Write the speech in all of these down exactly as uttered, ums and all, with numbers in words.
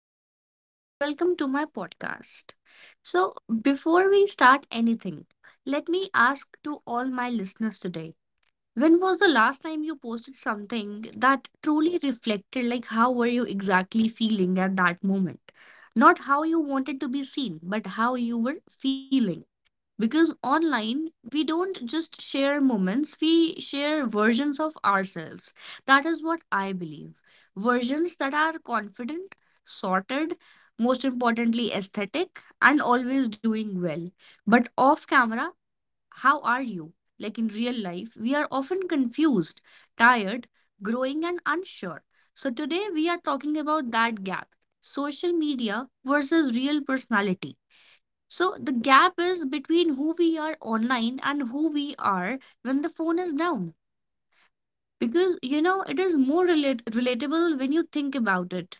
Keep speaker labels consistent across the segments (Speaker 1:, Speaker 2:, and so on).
Speaker 1: Ridhima, and welcome to my podcast. So, before we start anything, let me ask to all my listeners today, when was the last time you posted something that truly reflected, like how were you exactly feeling at that moment? Not how you wanted to be seen, but how you were feeling. Because online, we don't just share moments, we share versions of ourselves. That is what I believe. Versions that are confident, sorted, most importantly, aesthetic, and always doing well. But off camera, how are you? Like in real life, we are often confused, tired, growing, and unsure. So today, we are talking about that gap, social media versus real personality. So the gap is between who we are online and who we are when the phone is down, because you know it is more relate- relatable when you think about it.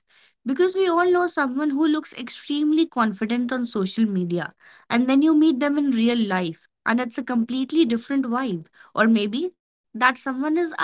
Speaker 1: Because we all know someone who looks extremely confident on social media, and then you meet them in real life and it's a completely different vibe. Or maybe that someone is us.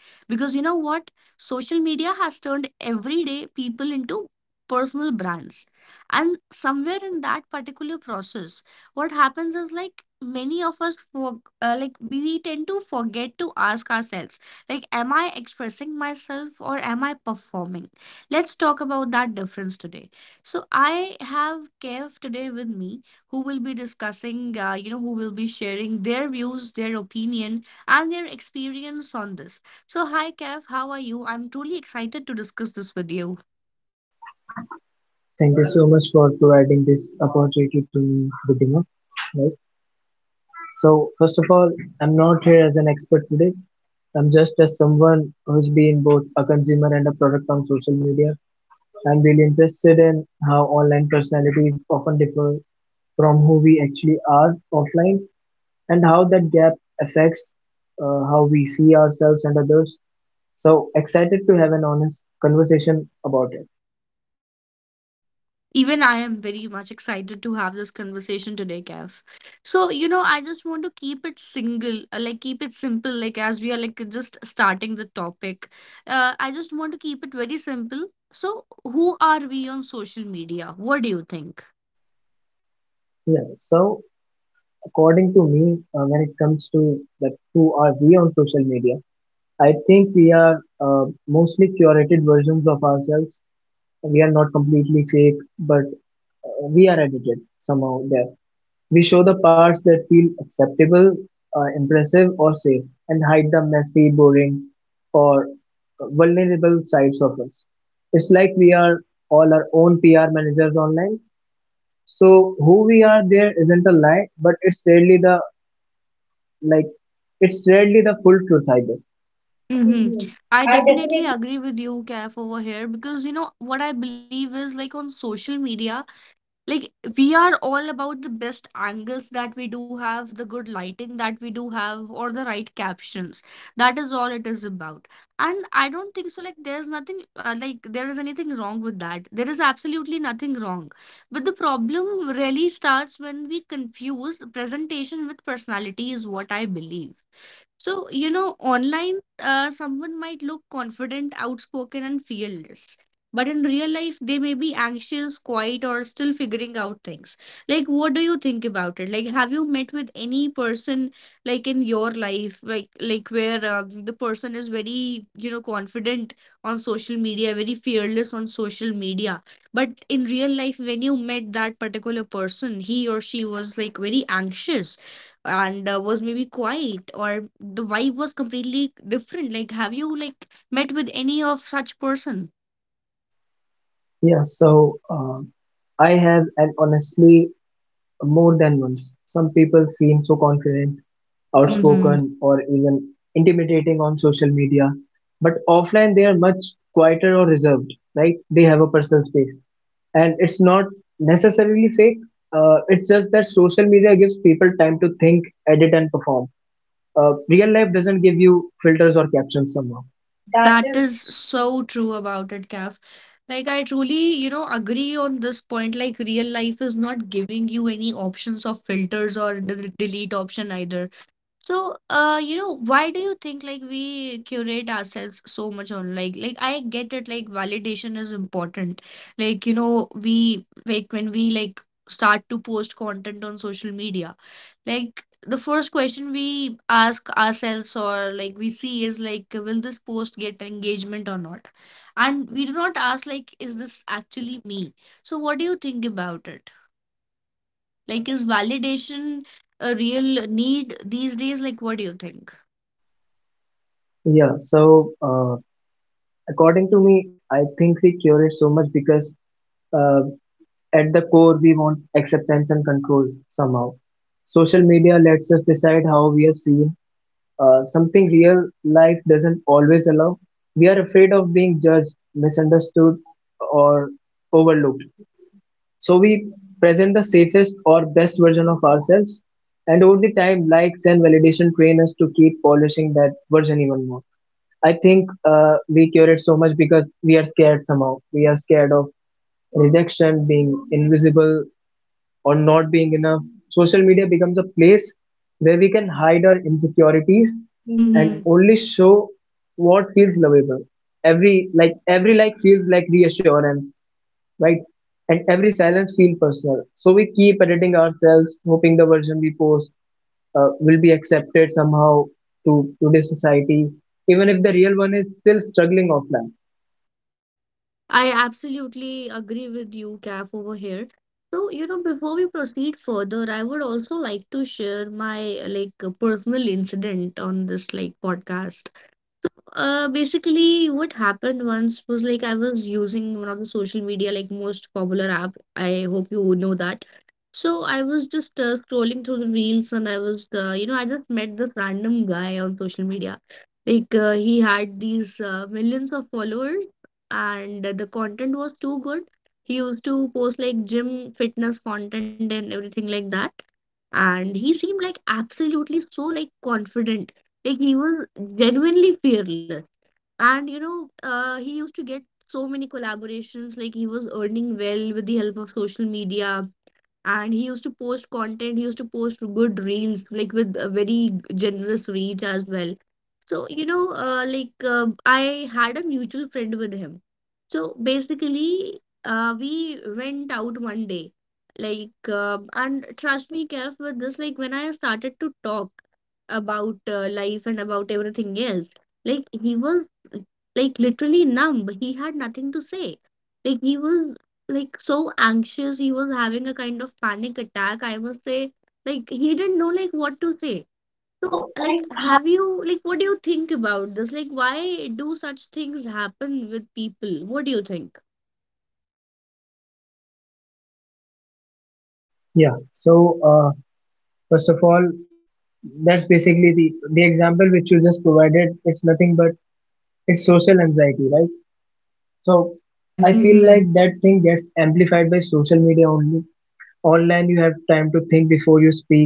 Speaker 1: Because you know what, social media has turned everyday people into personal brands, and somewhere in that particular process, what happens is like many of us for, uh, like, we tend to forget to ask ourselves, like, am I expressing myself or am I performing? Let's talk about that difference today. So, I have Kev today with me who will be discussing, uh, you know, who will be sharing their views, their opinion, and their experience on this. So, hi, Kev, how are you? I'm truly excited to discuss this with you.
Speaker 2: Thank you so much for providing this opportunity to me, Vidhima. Right. So first of all, I'm not here as an expert today. I'm just as someone who's been both a consumer and a product on social media. I'm really interested in how online personalities often differ from who we actually are offline and how that gap affects uh, how we see ourselves and others. So excited to have an honest conversation about it.
Speaker 1: Even I am very much excited to have this conversation today, Kev. So, you know, I just want to keep it single, uh, like keep it simple, like as we are like just starting the topic. Uh, I just want to keep it very simple. So, who are we on social media? What do you think?
Speaker 2: Yeah. So, according to me, uh, when it comes to that, who are we on social media? I think we are uh, mostly curated versions of ourselves. We are not completely fake, but uh, we are edited somehow there. We show the parts that feel acceptable, uh, impressive, or safe, and hide the messy, boring, or uh, vulnerable sides of us. It's like we are all our own P R managers online. So who we are there isn't a lie, but it's really the like it's rarely the full truth either.
Speaker 1: Mm-hmm.
Speaker 2: Hmm.
Speaker 1: I
Speaker 2: I
Speaker 1: definitely
Speaker 2: definitely
Speaker 1: agree with you, Kev, over here, because you know what I believe is like on social media. Like, we are all about the best angles that we do have, the good lighting that we do have, or the right captions. That is all it is about. And I don't think so. Like, there's nothing uh, like, there is anything wrong with that. There is absolutely nothing wrong. But the problem really starts when we confuse presentation with personality, is what I believe. So, you know, online, uh, someone might look confident, outspoken, and fearless. But in real life, they may be anxious, quiet, or still figuring out things. Like, what do you think about it? Like, have you met with any person like in your life, like like where um, the person is very, you know, confident on social media, very fearless on social media, but in real life, when you met that particular person, he or she was like very anxious and uh, was maybe quiet or the vibe was completely different. Like, have you like met with any of such person?
Speaker 2: Yeah, so uh, I have, and honestly, more than once. Some people seem so confident, mhm,
Speaker 1: Mhm.
Speaker 2: outspoken, or even intimidating on social media, but offline they are much quieter or reserved, right? They have a personal space, and it's not necessarily fake. Uh, it's just that social media gives people time to think, edit, and perform. Uh, Real life doesn't give you filters or captions somehow. That
Speaker 1: That
Speaker 2: is
Speaker 1: is so true about it, Kaf. Like, I truly you know agree on this point. Like, real life is not giving you any options of filters or the delete option either. So, uh, you know, why do you think like we curate ourselves so much on like like, I get it, like, validation is important. Like, you know, we like when we like start to post content on social media, like the first question we ask ourselves or like we see is like, will this post get engagement or not? And we do not ask like, is this actually me? So, what do you think about it? Like, is validation a real need these days? Like, what do you think?
Speaker 2: Yeah, so uh, according to me, I think we cure it so much because uh, at the core we want acceptance and control somehow. Social media lets us decide how we are seen. Uh, something real life doesn't always allow. We are afraid of being judged, misunderstood, or overlooked. So we present the safest or best version of ourselves, and over the time, likes and validation train us to keep polishing that version even more. I think uh, we curate so much because we are scared somehow. We are scared of rejection, being invisible, or not being enough. Social media becomes a place where we can hide our insecurities, mhm,
Speaker 1: Mm-hmm.
Speaker 2: and
Speaker 1: Right.
Speaker 2: only show what feels lovable. Every like every like feels like reassurance, right? And every silence feels personal. So we keep editing ourselves, hoping the version we post uh, will be accepted somehow to today's society, even if the real one is still struggling offline.
Speaker 1: I absolutely agree with you, Kath, over here. So, you know, before we proceed further, I would also like to share my uh, like a personal incident on this like podcast. Uh, basically, what happened once was like I was using one of the social media like most popular app. I hope you would know that. So, I was just uh, scrolling through the reels and I was, uh, you know, I just met this random guy on social media. Like, uh, he had these uh, millions of followers and the content was too good. He used to post like gym fitness content and everything like that. And he seemed like absolutely so like confident. Like, he was genuinely fearless. And you know, uh, he used to get so many collaborations, like he was earning well with the help of social media. And he used to post content, he used to post good reels, like with a very generous reach as well. So, you know, uh, like uh, I had a mutual friend with him. So basically, uh, we went out one day, like, uh, and trust me, Kev, with this, like, when I started to talk about uh, life and about everything else, like, he was like literally numb. He had nothing to say. Like, he was like so anxious. He was having a kind of panic attack. I must say, like, he didn't know like what to say. So,
Speaker 2: So,
Speaker 1: like,
Speaker 2: like,
Speaker 1: have you, like, what do you think about this? Like, why do such things happen with people? What do you think?
Speaker 2: yeah. So, uh, first of all, that's basically the the example which you just provided. It's nothing but it's social anxiety, right? So
Speaker 1: I
Speaker 2: I
Speaker 1: feel
Speaker 2: feel
Speaker 1: like.
Speaker 2: like that thing gets amplified by social media only. Online, you have time to think before you speak.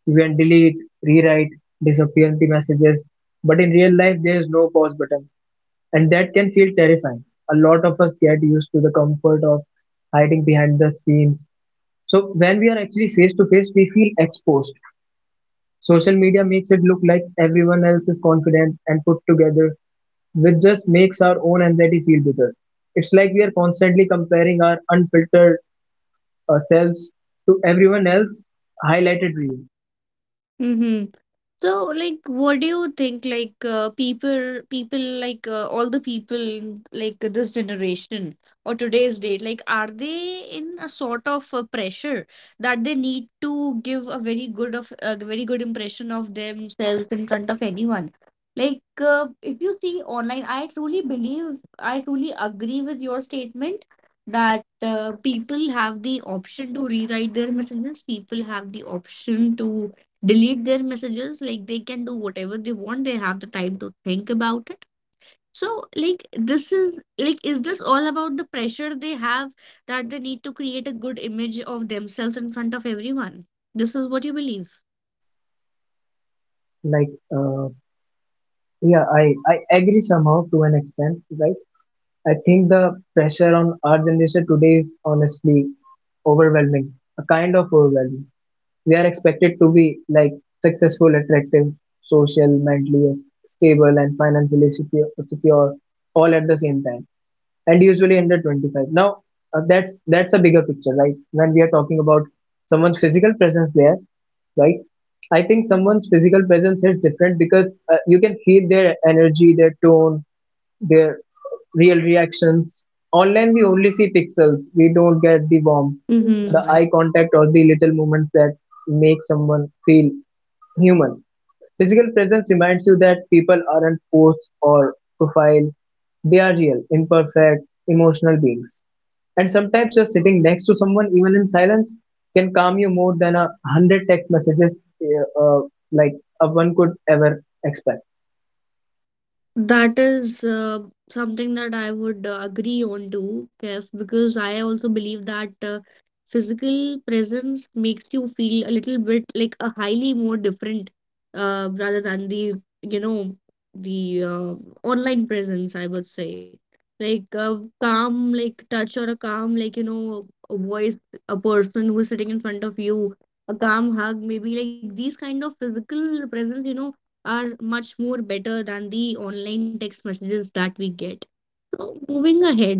Speaker 2: You can delete, rewrite, disappear the messages. But in real life, there is no pause button. And that can feel terrifying. A lot of us get used to the comfort of hiding behind the screens. So when we are actually face to face, we feel exposed. Social media makes it look like everyone else is confident and put together, which just makes our own anxiety feel bigger. It's like we are constantly comparing our unfiltered uh, selves to everyone else highlighted reel.
Speaker 1: Mm-hmm. So, like, what do you think? Like, uh, people, people, like, uh, all the people, in, like, this generation or today's date, like, are they in a sort of uh, pressure that they need to give a very good of a very good impression of themselves in front of anyone? Like, uh, if you see online, I truly believe, I truly agree with your statement that uh, people have the option to rewrite their messages. People have the option to delete their messages, like they can do whatever they want. They have the time to think about it. So, like, this is like, is this all about the pressure they have, that they need to create a good image of themselves in front of everyone? This is what you believe.
Speaker 2: Like, uh, yeah, I, I agree somehow to an extent, right? I think the pressure on our generation today is honestly overwhelming, a kind of overwhelming. We are expected to be like successful, attractive, social, mentally s- stable, and financially secure, secure all at the same time, and usually under twenty-five. Now, uh, that's that's a bigger picture, right? When we are talking about someone's physical presence there, right? I think someone's physical presence is different because uh, you can feel their energy, their tone, their real reactions. Online, we only see pixels. We don't get the warmth, the
Speaker 1: Mm-hmm.
Speaker 2: eye contact, or the little moments that make someone feel human. Physical presence reminds you that people aren't posts or profile. They are real, imperfect, emotional beings. And sometimes just sitting next to someone, even in silence, can calm you more than a hundred text messages uh, uh, like uh, one could ever expect.
Speaker 1: That is uh, something that I would uh, agree on too, Kev, because I also believe that uh, physical presence makes you feel a little bit like a highly more different uh, rather than the, you know, the uh, online presence, I would say. Like a calm, like touch or a calm, like, you know, a voice, a person who's sitting in front of you, a calm hug, maybe like these kind of physical presence, you know are much more better than the online text messages that we get. So, moving ahead,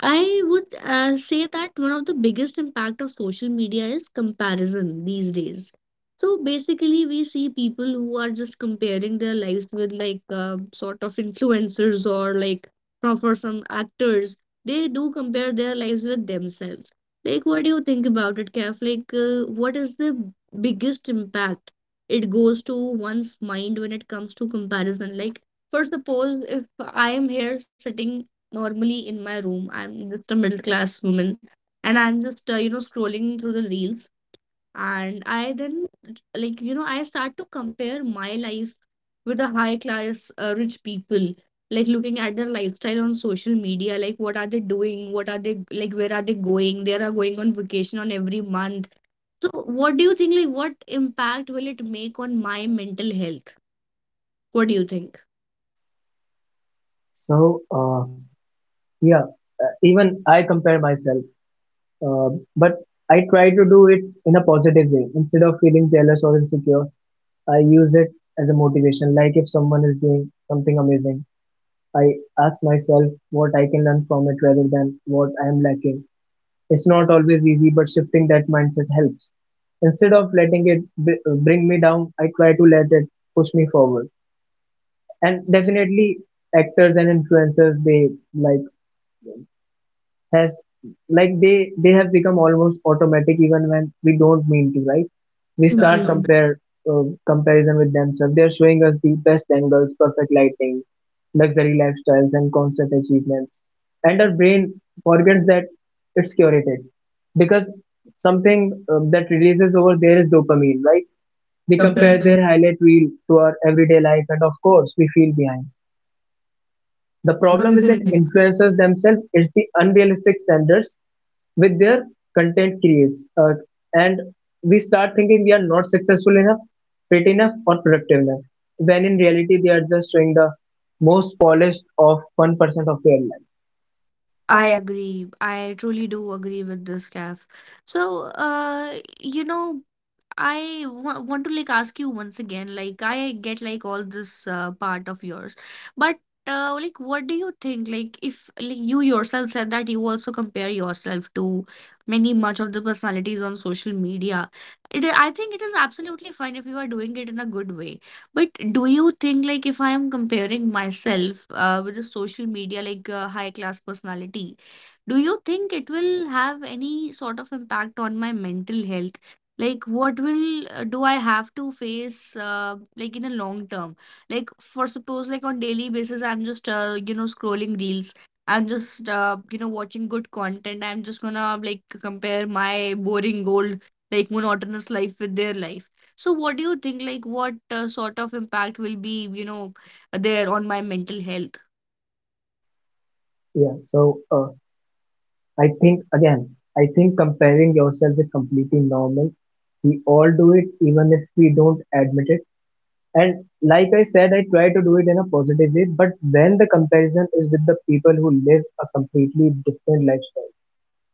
Speaker 1: I would uh, say that one of the biggest impact of social media is comparison these days. So basically, we see people who are just comparing their lives with like uh, sort of influencers or like from for some actors, they do compare their lives with themselves. Like, what do you think about it, Kef? Like, uh, what is the biggest impact it goes to one's mind when it comes to comparison? Like, for suppose, if I am here sitting normally in my room. I'm just a middle class woman and I'm just, uh, you know, scrolling through the reels. And I then, like, you know, I start to compare my life with the high class uh, rich people, like looking at their lifestyle on social media, like what are they doing? What are they, like, where are they going? They are going on vacation on every month. So, what do you think, like, what impact will it make on my mental health? What do you think?
Speaker 2: So, uh, yeah, uh, even I compare myself. Uh, but I try to do it in a positive way. Instead of feeling jealous or insecure, I use it as a motivation. Like if someone is doing something amazing, I ask myself what I can learn from it rather than what I am lacking. It's not always easy, but shifting that mindset helps. Instead of letting it b- bring me down, I try to let it push me forward. And definitely, actors and influencers, they like has like they they have become almost automatic even when we don't mean to, right?
Speaker 1: We
Speaker 2: We
Speaker 1: start.
Speaker 2: start
Speaker 1: Mhm.
Speaker 2: compare uh, comparison with themselves. They're showing us the best angles, perfect lighting, luxury lifestyles, and constant achievements. And our brain forgets that it's curated because something uh, that releases over there is dopamine, right?
Speaker 1: Compa- we
Speaker 2: We
Speaker 1: compare.
Speaker 2: compare
Speaker 1: The
Speaker 2: their highlight reel to our everyday life, and of course, we feel behind. The
Speaker 1: problem
Speaker 2: problem isn't
Speaker 1: isn't.
Speaker 2: influencers themselves, it's the unrealistic standards with their content creates. Uh, and we start thinking we are not successful enough, fit enough, or productive enough, when in reality they are just showing the most polished of one percent of their life.
Speaker 1: I
Speaker 2: I
Speaker 1: agree. I truly do agree with this, Gav. So, uh, you know, I wa- want to like ask you once again, like, I get like all this uh, part of yours, but uh, like, what do you think? Like, if like you yourself said that you also compare yourself to many much of the personalities on social media, it I think it is absolutely fine if you are doing it in a good way. But do you think like if I am comparing myself uh, with a social media like uh, high class personality, do you think it will have any sort of impact on my mental health? Like, what will uh, do I have to face uh, like in a long term. Like, for suppose, like, on daily basis, I'm just uh, you know scrolling reels, I'm just uh, you know watching good content, I'm just gonna like compare my boring old like monotonous life with their life. So, what do you think, like, what uh, sort of impact will be you know there on my mental health?
Speaker 2: Yeah, so uh, I think again, I think comparing yourself is completely normal. We all do it, even if we don't admit it. And like I said, I try to do it in a positive way, but when the comparison is with the people who live a completely different lifestyle,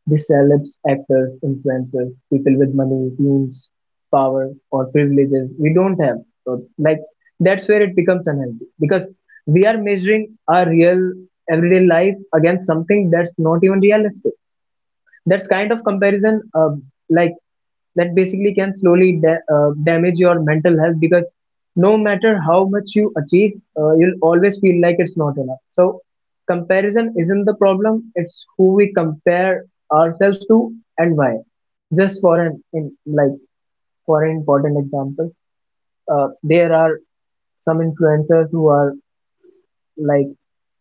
Speaker 2: the celebs, actors, influencers, people with money, teams, power, or privileges we don't have. So, like, that's where it becomes unhealthy because we are measuring our real everyday life against something that's not even realistic. That's kind of comparison, uh, like, that basically can slowly da- uh, damage your mental health because no matter how much you achieve, uh, you'll always feel like it's not enough. So, comparison isn't the problem, it's who we compare ourselves to and why. Just for an in, like, for an important example, uh, there are some influencers who are like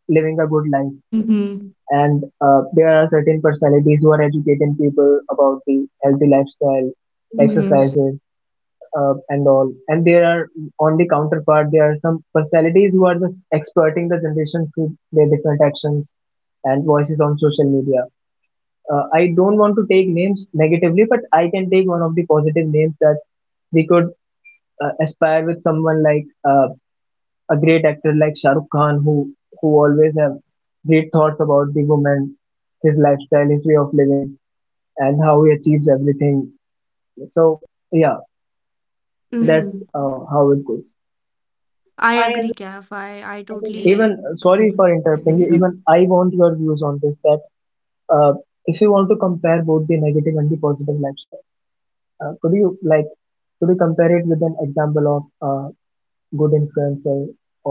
Speaker 2: living a good life,
Speaker 1: Mm-hmm.
Speaker 2: mhm, and uh, there are certain personalities who are educating people about the healthy lifestyle,
Speaker 1: Mm-hmm,
Speaker 2: mhm,
Speaker 1: exercise.
Speaker 2: exercises, uh, and all. And there are On the counterpart, there are some personalities who are just exploiting the generation through their different actions and voices on social media. Uh, I don't want to take names negatively, but I can take one of the positive names that we could uh, aspire with someone like uh, a great actor like Shah Rukh Khan, who who always have great thoughts about the woman, his lifestyle, his way of living, and how he achieves everything. So yeah,
Speaker 1: Yes. Mm-hmm.
Speaker 2: that's, mhm, uh, how it goes.
Speaker 1: I agree, Kaf. i i
Speaker 2: I think even,
Speaker 1: totally.
Speaker 2: uh, sorry for interrupting you,
Speaker 1: Even
Speaker 2: even I want your views on this, that uh, if you want to compare both the negative and the positive lifestyle, uh, could you like could you compare it with an example of uh, good influencer,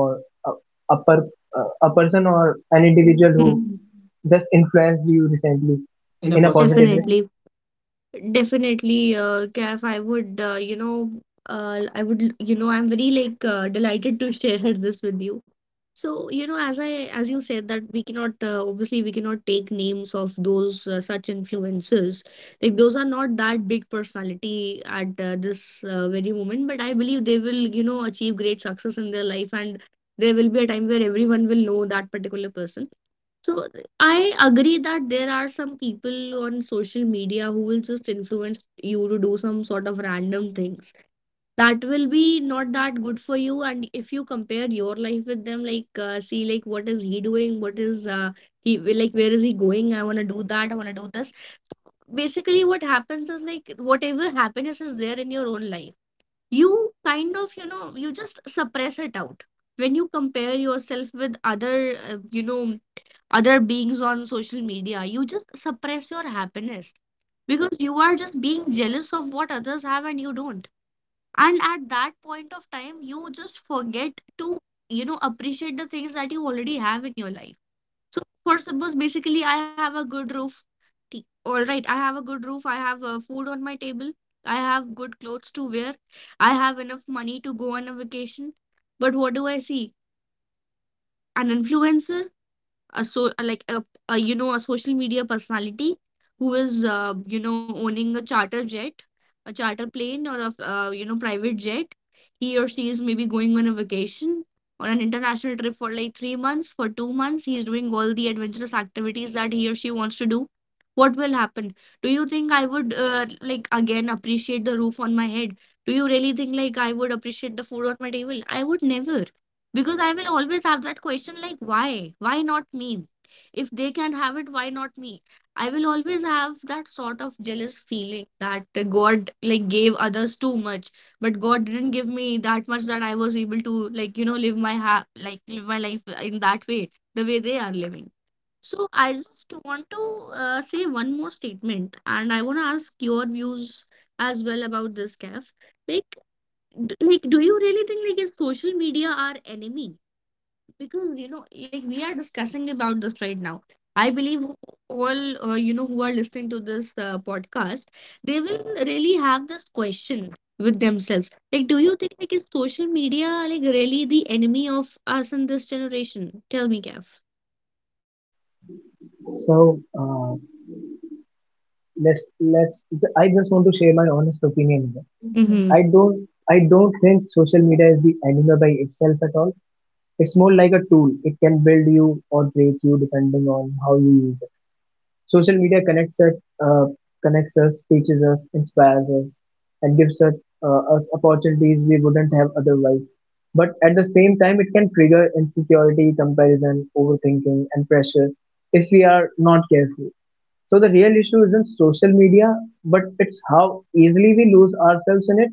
Speaker 2: or a, a, per, uh, a person or an individual who
Speaker 1: even-
Speaker 2: just influenced you recently
Speaker 1: in a
Speaker 2: in a
Speaker 1: positive way?
Speaker 2: positive way.
Speaker 1: Definitely, definitely, uh, Kaif, I would, uh, you know, uh, I would, you know, I'm very like uh, delighted to share this with you. So, you know, as I, as you said that we cannot, uh, obviously, we cannot take names of those uh, such influencers. Like those are not that big personality at uh, this uh, very moment, but I believe they will, you know, achieve great success in their life, and there will be a time where everyone will know that particular person. So I agree that there are some people on social media who will just influence you to do some sort of random things that will be not that good for you. And if you compare your life with them, like uh, see like what is he doing? What is uh, he like? Where is he going? I want to do that. I want to do this. Basically, what happens is like whatever happiness is there in your own life, you kind of you know you just suppress it out when you compare yourself with other uh, you know other beings on social media. You just suppress your happiness because you are just being jealous of what others have and you don't. And at that point of time, you just forget to, you know, appreciate the things that you already have in your life. So, for suppose, basically, I have a good roof. T- All right, I have a good roof. I have uh, food on my table. I have good clothes to wear. I have enough money to go on a vacation. But what do I see? An influencer, a so like a, a you know a social media personality who is uh, you know owning a charter jet, a charter plane, or a uh, you know private jet. He or she is maybe going on a vacation or an international trip for like three months, for two months. He is doing all the adventurous activities that he or she wants to do. What will happen? Do you think I would uh, like again appreciate the roof on my head? Do you really think like I would appreciate the food on my table? I would never, because I will always have that question like, why? Why not me? If they can have it, why not me? I will always have that sort of jealous feeling that uh, God like gave others too much, but God didn't give me that much that I was able to like, you know, live my ha like live my life in that way, the way they are living. So I just want to uh, say one more statement, and I want to ask your views as well about this, Kef. Like, d like, do you really think like is social media our enemy? Because you know like we are discussing about this right now. I believe all uh, you know who are listening to this uh, podcast, they will really have this question with themselves, like, do you think like is social media like really the enemy of us in this generation? Tell me, Gav.
Speaker 2: So uh, let's let's I just want to share my honest opinion here. i don't i don't think social media is the enemy by itself at all. It's more like a tool. It can build you or break you depending on how you use it. Social media connects us, uh, connects us, teaches us, inspires us, and gives us, uh, us opportunities we wouldn't have otherwise. But at the same time, it can trigger insecurity, comparison, overthinking, and pressure if we are not careful. So the real issue isn't social media, but it's how easily we lose ourselves in it.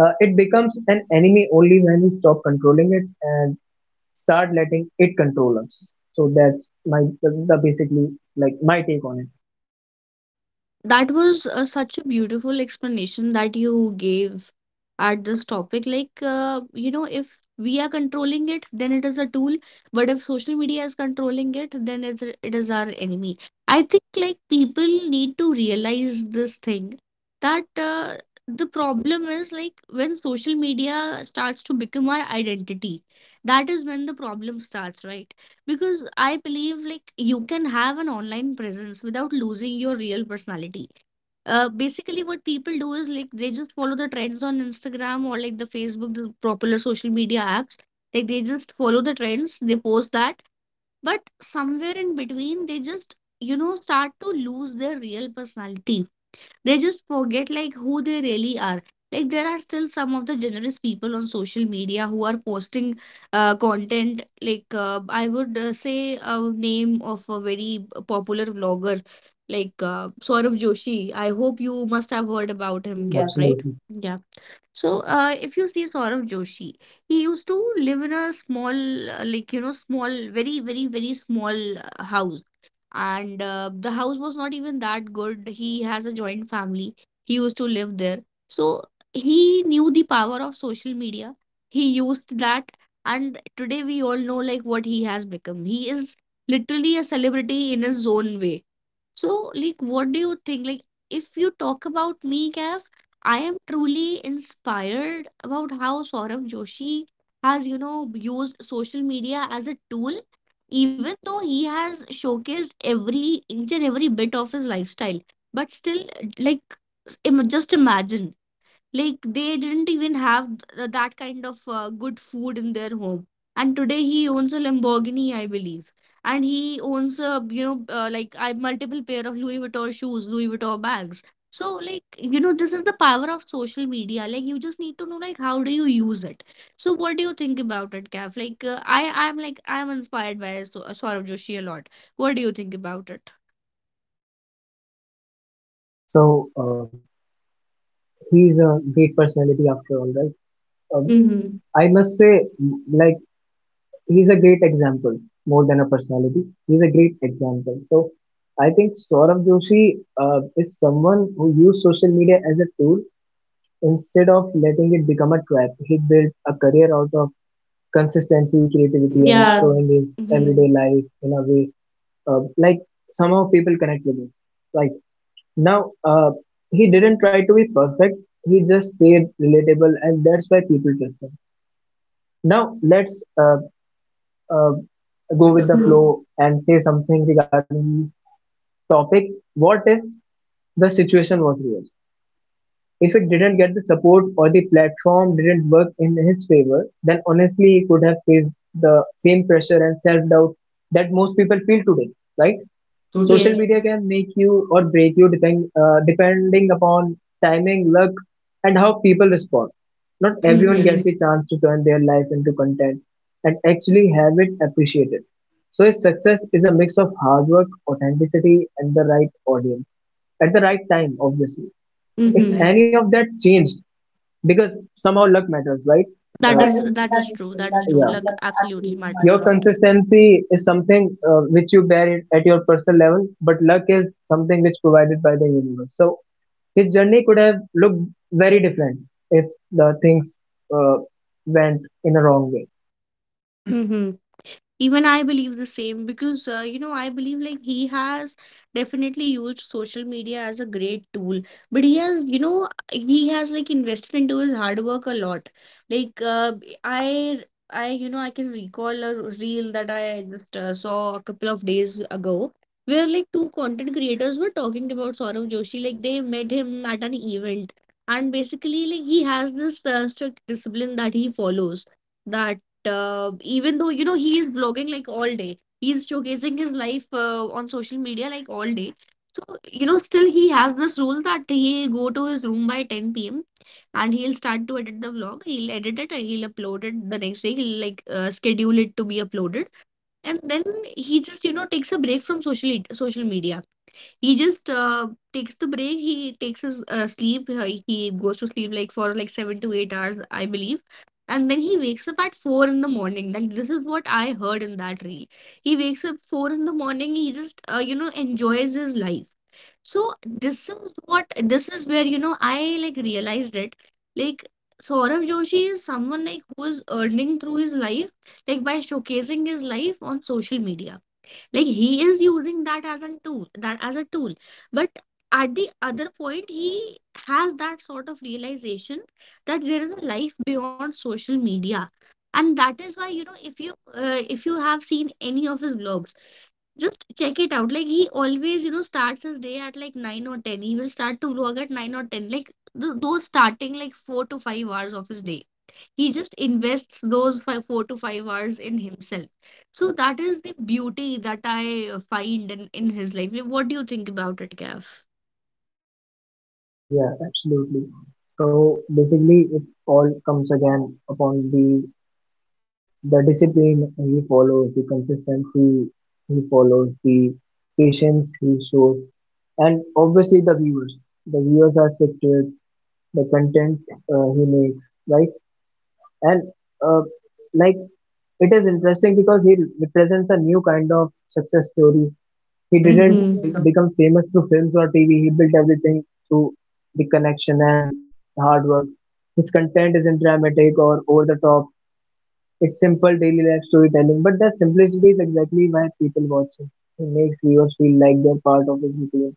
Speaker 2: Uh, it becomes an enemy only when we stop controlling it and start letting it control us. So that's my the, the basically, like, my take on it.
Speaker 1: That was uh, such a beautiful explanation that you gave at this topic. Like, uh, you know, if we are controlling it, then it is a tool. But if social media is controlling it, then it's, a- it is our enemy. I think, like, people need to realize this thing that uh, the problem is, like, when social media starts to become our identity, that is when the problem starts, right? Because I believe like you can have an online presence without losing your real personality. Uh, basically, what people do is like they just follow the trends on Instagram or like the Facebook, the popular social media apps. Like they just follow the trends, they post that, but somewhere in between, they just, you know, start to lose their real personality. They just forget like who they really are. Like there are still some of the generous people on social media who are posting uh, content, like uh, I would uh, say a name of a very popular vlogger, like uh, Saurav Joshi. I hope you must have heard about
Speaker 2: About
Speaker 1: him,
Speaker 2: him.
Speaker 1: Kev, right?
Speaker 2: Absolutely.
Speaker 1: Yeah. So uh, if you see Saurav Joshi, he used to live in a small uh, like you know small, very very very small uh, house. And uh, the house was not even that good. He has a joint family. He used to live there. So he knew the power of social media. He used that, and today we all know like what he has become. He is literally a celebrity in his own way. So like what do you think, like if you talk about me, Kev, I am truly inspired about how Saurabh Joshi has, you know, used social media as a tool, even though he has showcased every each and every bit of his lifestyle. But still, like, im- just imagine, like they didn't even have th- that kind of uh, good food in their home. And today he owns a Lamborghini, I believe. And he owns a, you know, uh, like I multiple pair of Louis Vuitton shoes, Louis Vuitton bags. So like, you know, this is the power of social media. Like you just need to know like how do you use it. So what do you think about it, Kav? Like uh, I, I'm like I'm inspired by so- Saurabh Joshi a lot. What do you think about it?
Speaker 2: So, uh, he's a great personality after all, right? Um,
Speaker 1: Mm-hmm.
Speaker 2: Mm. I must say, like, he's a great example more than a personality. He's a great example. So, I think Saurabh Joshi uh, is someone who used social media as a tool instead of letting it become a trap. He built a career out of consistency, creativity, and, yeah,
Speaker 1: Yeah.
Speaker 2: showing his
Speaker 1: Mm-hmm.
Speaker 2: everyday life in a way uh, like somehow people connect with him. Like now, uh, he didn't try to be perfect. He just stayed relatable, and that's why people trust him. Now, let's uh, uh,
Speaker 1: Go
Speaker 2: go
Speaker 1: with
Speaker 2: with
Speaker 1: the
Speaker 2: the
Speaker 1: flow.
Speaker 2: flow and say something regarding the topic. What if the situation was real? If it didn't get the support or the platform didn't work in his favor, then honestly he could have faced the same pressure and self doubt that most people feel today, right?
Speaker 1: Social,
Speaker 2: Social
Speaker 1: yes.
Speaker 2: media can make you or break you depend, uh, depending upon timing, luck, and how people respond. Not
Speaker 1: Every, mm-hmm,
Speaker 2: everyone gets
Speaker 1: message.
Speaker 2: the chance to turn their life into content and actually have it appreciated. So its success is a mix of hard work, authenticity, and the right audience at the right time, obviously. If
Speaker 1: Mm-hmm, right.
Speaker 2: any of that changed, because somehow luck matters, right? Uh,
Speaker 1: That
Speaker 2: That
Speaker 1: is,
Speaker 2: is
Speaker 1: that
Speaker 2: that
Speaker 1: is
Speaker 2: is
Speaker 1: true.
Speaker 2: true.
Speaker 1: That is
Speaker 2: That is
Speaker 1: true.
Speaker 2: yeah. true.
Speaker 1: Luck
Speaker 2: Luck
Speaker 1: absolutely
Speaker 2: absolutely
Speaker 1: matters a
Speaker 2: Your matters. Consistency is something uh, which you bear it at your personal level, but luck is something which provided by the universe. So his journey could have looked very different if the things uh, went in a wrong way.
Speaker 1: lot. Even I believe the same because, uh, you know, I believe like he has definitely used social media as a great tool, but he has, you know, he has like invested into his hard work a lot. Like, uh, I, I, you know, I can recall a reel that I just uh, saw a couple of days ago where like two content creators were talking about Saurabh Joshi. Like, they met him at an event, and basically, like, he has this uh, strict discipline that he follows, that uh, even though you know he is vlogging like all day, he's showcasing his life uh, on social media like all day. So you know still he has this rule that he go to his room by ten p.m., and he'll start to edit the vlog. He'll edit it and he'll upload it the next day. He'll like uh, schedule it to be uploaded. And then he just you know takes a break from social social media. He just uh, takes the break. He takes his uh, sleep. uh, He goes to sleep like for like seven to eight hours, I believe. And then he wakes up at four in the morning. Like this is what I heard in that reel. He wakes up four in the morning. He just uh, you know enjoys his life. So this is what, this is where you know I like realized it. Like Saurabh Joshi is someone like who is earning through his life, like by showcasing his life on social media, like he is using that as a tool, that as a tool. But at the other point, he has that sort of realization that there is a life beyond social media. And that is why, you know, if you uh, if you have seen any of his vlogs, just check it out. Like he always, you know, starts his day at like nine or ten. He will start to vlog at nine or ten. Like th those starting like four to five hours of his day, he just invests those five, four to five hours in himself. So that is the beauty that I uh, find in, in his life. Like, what do you think about it, Gav?
Speaker 2: Yeah, absolutely. So basically, it all comes again upon the the discipline he follows, the consistency he follows, the patience he shows. And obviously the viewers. The viewers are sick shifted, the content uh, he makes, right? And uh, like it is interesting because he represents a new kind of success story. He
Speaker 1: Didn't,
Speaker 2: didn't
Speaker 1: hmm, become.
Speaker 2: become famous through films or T V. He built everything through the connection and hard work. His content isn't dramatic or over the top. It's simple daily life storytelling, but that simplicity is exactly why people watch him. He makes viewers feel like they're part of his routine.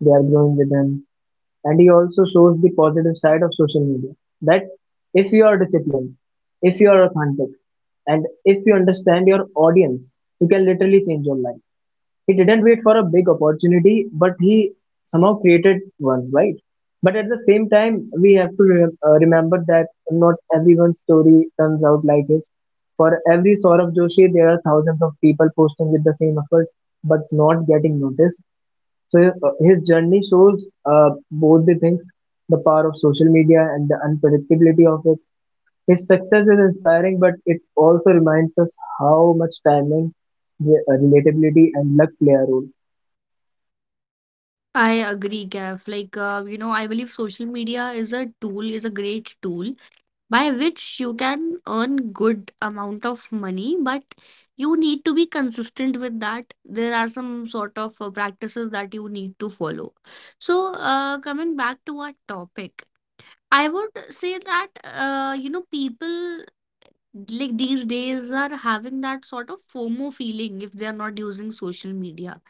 Speaker 2: They are growing with him. And he also shows the positive side of social media that if you are disciplined, if you are authentic, and if you understand your audience, you can literally change your life. He didn't wait for a big opportunity, but he somehow created one, right? But at the same time, we have to re- uh, remember that not everyone's story turns out like his. For every Saurabh Joshi, there are thousands of people posting with the same effort but not getting noticed, so uh, his journey shows uh, both the things, the power of social media and the unpredictability of it. His success is inspiring, but it also reminds us how much timing, re- uh, relatability, and luck play a role.
Speaker 1: I agree, Gav. Like, uh, you know, I believe social media is a tool, is a great tool by which you can earn good amount of money, but you need to be consistent with that. There are some sort of uh, practices that you need to follow. So, uh, coming back to our topic, I would say that uh, you know people like these days are having that sort of FOMO feeling if they are not using social media.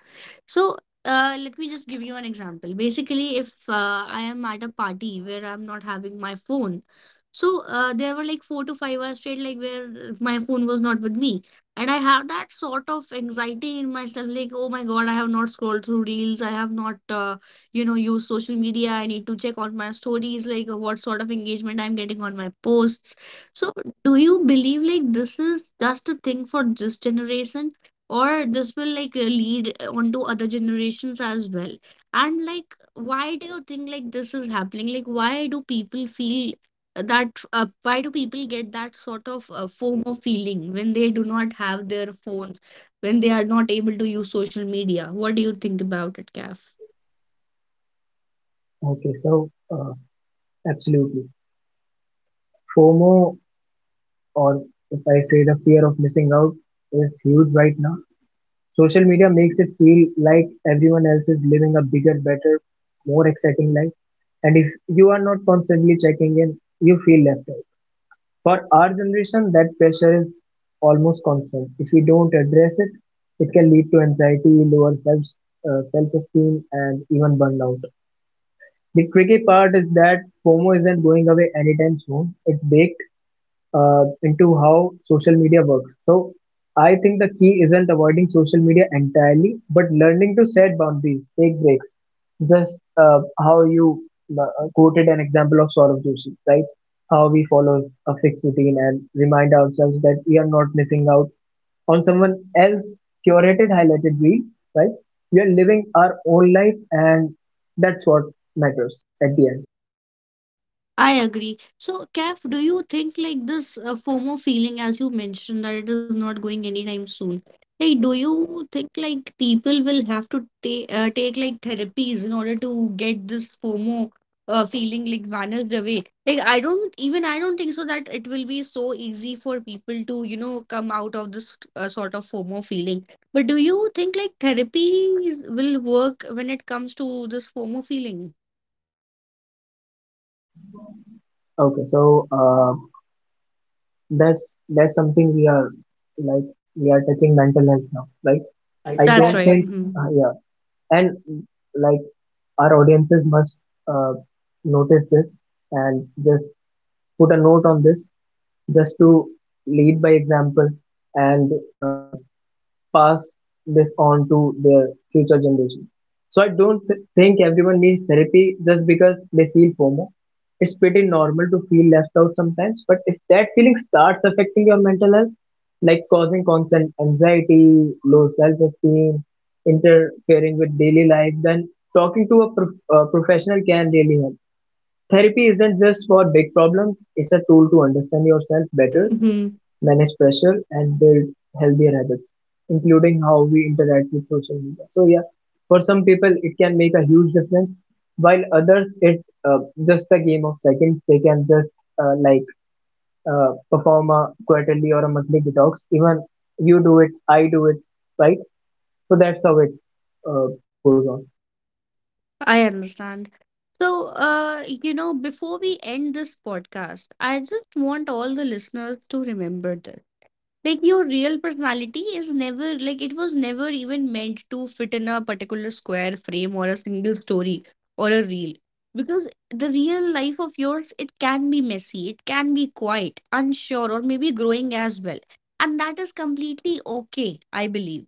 Speaker 1: So, uh, let me just give you an example. Basically, if uh, I am at a party where I'm not having my phone, so uh, there were like four to five hours straight, like where my phone was not with me, and I have that sort of anxiety in myself, like, oh my God, I have not scrolled through reels, I have not, uh, you know, used social media. I need to check on my stories, like what sort of engagement I'm getting on my posts. So, do you believe like this is just a thing for this generation, or this will like lead on to other generations as well? And like, why do you think like this is happening? Like, why do people feel that uh, why do people get that sort of uh, FOMO feeling when they do not have their phones, when they are not able to use social media? What do you think about it, Kaf?
Speaker 2: Okay, so uh, Absolutely. FOMO, or if I say the fear of missing out, is huge right now. Social media makes it feel like everyone else is living a bigger, better, more exciting life. And if you are not constantly checking in, you feel left out. For our generation, that pressure is almost constant. If we don't address it, it can lead to anxiety, lower self uh, self-esteem, and even burnout. The tricky part is that FOMO isn't going away anytime soon. It's big, uh, into how social media works. So I think the key isn't avoiding social media entirely, but learning to set boundaries, take breaks. Just uh, how you uh, quoted an example of Saurabh Joshi, right? How we follow a fixed routine and remind ourselves that we are not missing out on someone else's curated, highlighted reel, right? We are living our own life, and that's what matters at the end.
Speaker 1: I agree. So, Kaf, do you think like this uh, FOMO feeling, as you mentioned, that it is not going anytime soon? Like, do you think like people will have to take uh, take like therapies in order to get this FOMO uh, feeling like vanished away? Like, I don't even I don't think so that it will be so easy for people to you know come out of this uh, sort of FOMO feeling. But do you think like therapies will work when it comes to this FOMO feeling?
Speaker 2: Okay, so. Uh, that's that's something we are, like, we are touching mental health now. Like, I
Speaker 1: I
Speaker 2: don't
Speaker 1: think.
Speaker 2: That's
Speaker 1: That's
Speaker 2: right. think
Speaker 1: right.
Speaker 2: it.
Speaker 1: Mm-hmm.
Speaker 2: Uh, yeah. And mm, like, our audiences must uh, notice this and just put a note on this just to lead by example and uh, pass this on to their future generation. So I don't th- think everyone needs therapy just because they feel FOMO. It's pretty normal to feel left out sometimes, but if that feeling starts affecting your mental health, like causing constant anxiety, low self-esteem, interfering with daily life, then talking to a, pro- a professional can really help. Therapy isn't just for big problems; it's a tool to understand yourself
Speaker 1: Better.
Speaker 2: better, manage pressure, and build healthier habits, including how we interact with social media. So yeah, for some people it can make a huge difference, while others it's uh, just a game of seconds. They can just uh, like uh, perform a quarterly or a monthly detox. Even you do it, I do it, right? So that's how it uh, goes on.
Speaker 1: I understand. So, uh, you know, before we end this podcast, I just want all the listeners to remember this. Like, your real personality is never, like, it was never even meant to fit in a particular square frame or a single story or a reel. Because the real life of yours, it can be messy, it can be quiet, unsure, or maybe growing as well. And that is completely okay, I believe,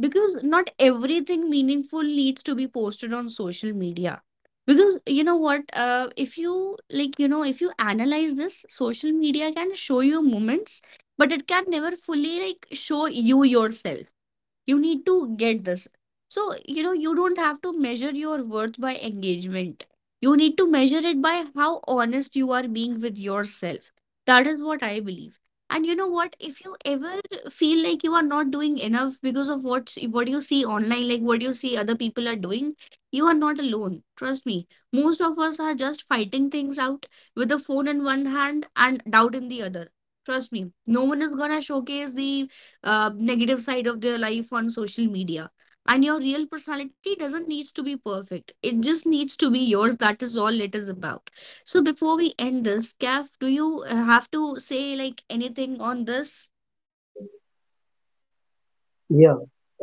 Speaker 1: because not everything meaningful needs to be posted on social media. Because you know what, uh, if you, like, you know, if you analyze this, social media can show you moments, but it can never fully like show you yourself. You need to get this. So, you know, you don't have to measure your worth by engagement. You need to measure it by how honest you are being with yourself. That is what I believe. And you know what? If you ever feel like you are not doing enough because of what what you see online, like what you see other people are doing, you are not alone. Trust me. Most of us are just fighting things out with a phone in one hand and doubt in the other. Trust me, no one is gonna showcase the uh, negative side of their life on social media. And your real personality doesn't needs to be perfect. It just needs to be yours. That is all it is about. So before we end this, Kaf, do you uh, have to say like anything on this?
Speaker 2: Yeah.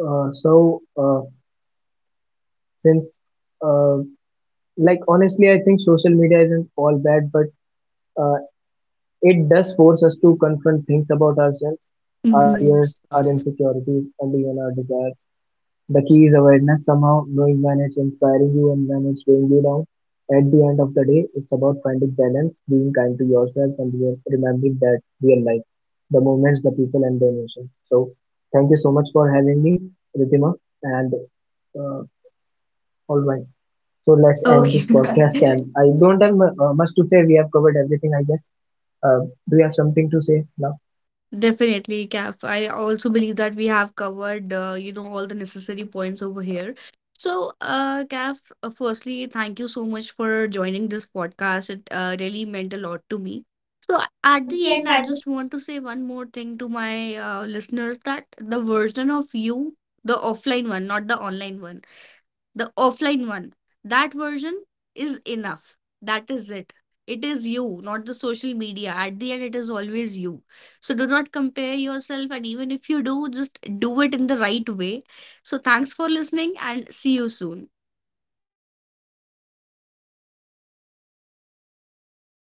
Speaker 2: Uh, so uh, since uh, like honestly, I think social media isn't all bad, but uh, it does force us to confront things about ourselves, our
Speaker 1: Mhm.
Speaker 2: fears, our insecurities, and even our desires. The key is awareness somehow, knowing when it's inspiring you and when it's weighing you down. At the end of the day, it's about finding balance, being kind to yourself, and re- remembering that real life, the moments, the people, and the emotions. So, thank you so much for having me, Ritima, and uh, all right. So
Speaker 1: Let's-
Speaker 2: let's end
Speaker 1: Okay.
Speaker 2: this podcast. And I don't have mu- uh, much to say. We have covered everything, I guess. Uh, do you have something to say now?
Speaker 1: Definitely, Kaf. I also believe that we have covered, uh, you know, all the necessary points over here. So, uh, Kaf, uh, firstly, thank you so much for joining this podcast. It uh, really meant a lot to me. So, a- at the end, I
Speaker 2: Ardiente
Speaker 1: just want to say one more thing to my uh, listeners, that the version of you, the offline one, not the online one, the offline one, that version is enough. That is it. It is you, not the social media. At the end, it is always you. So do not compare yourself, and even if you do, just do it in the right way. So thanks for listening, and see you soon.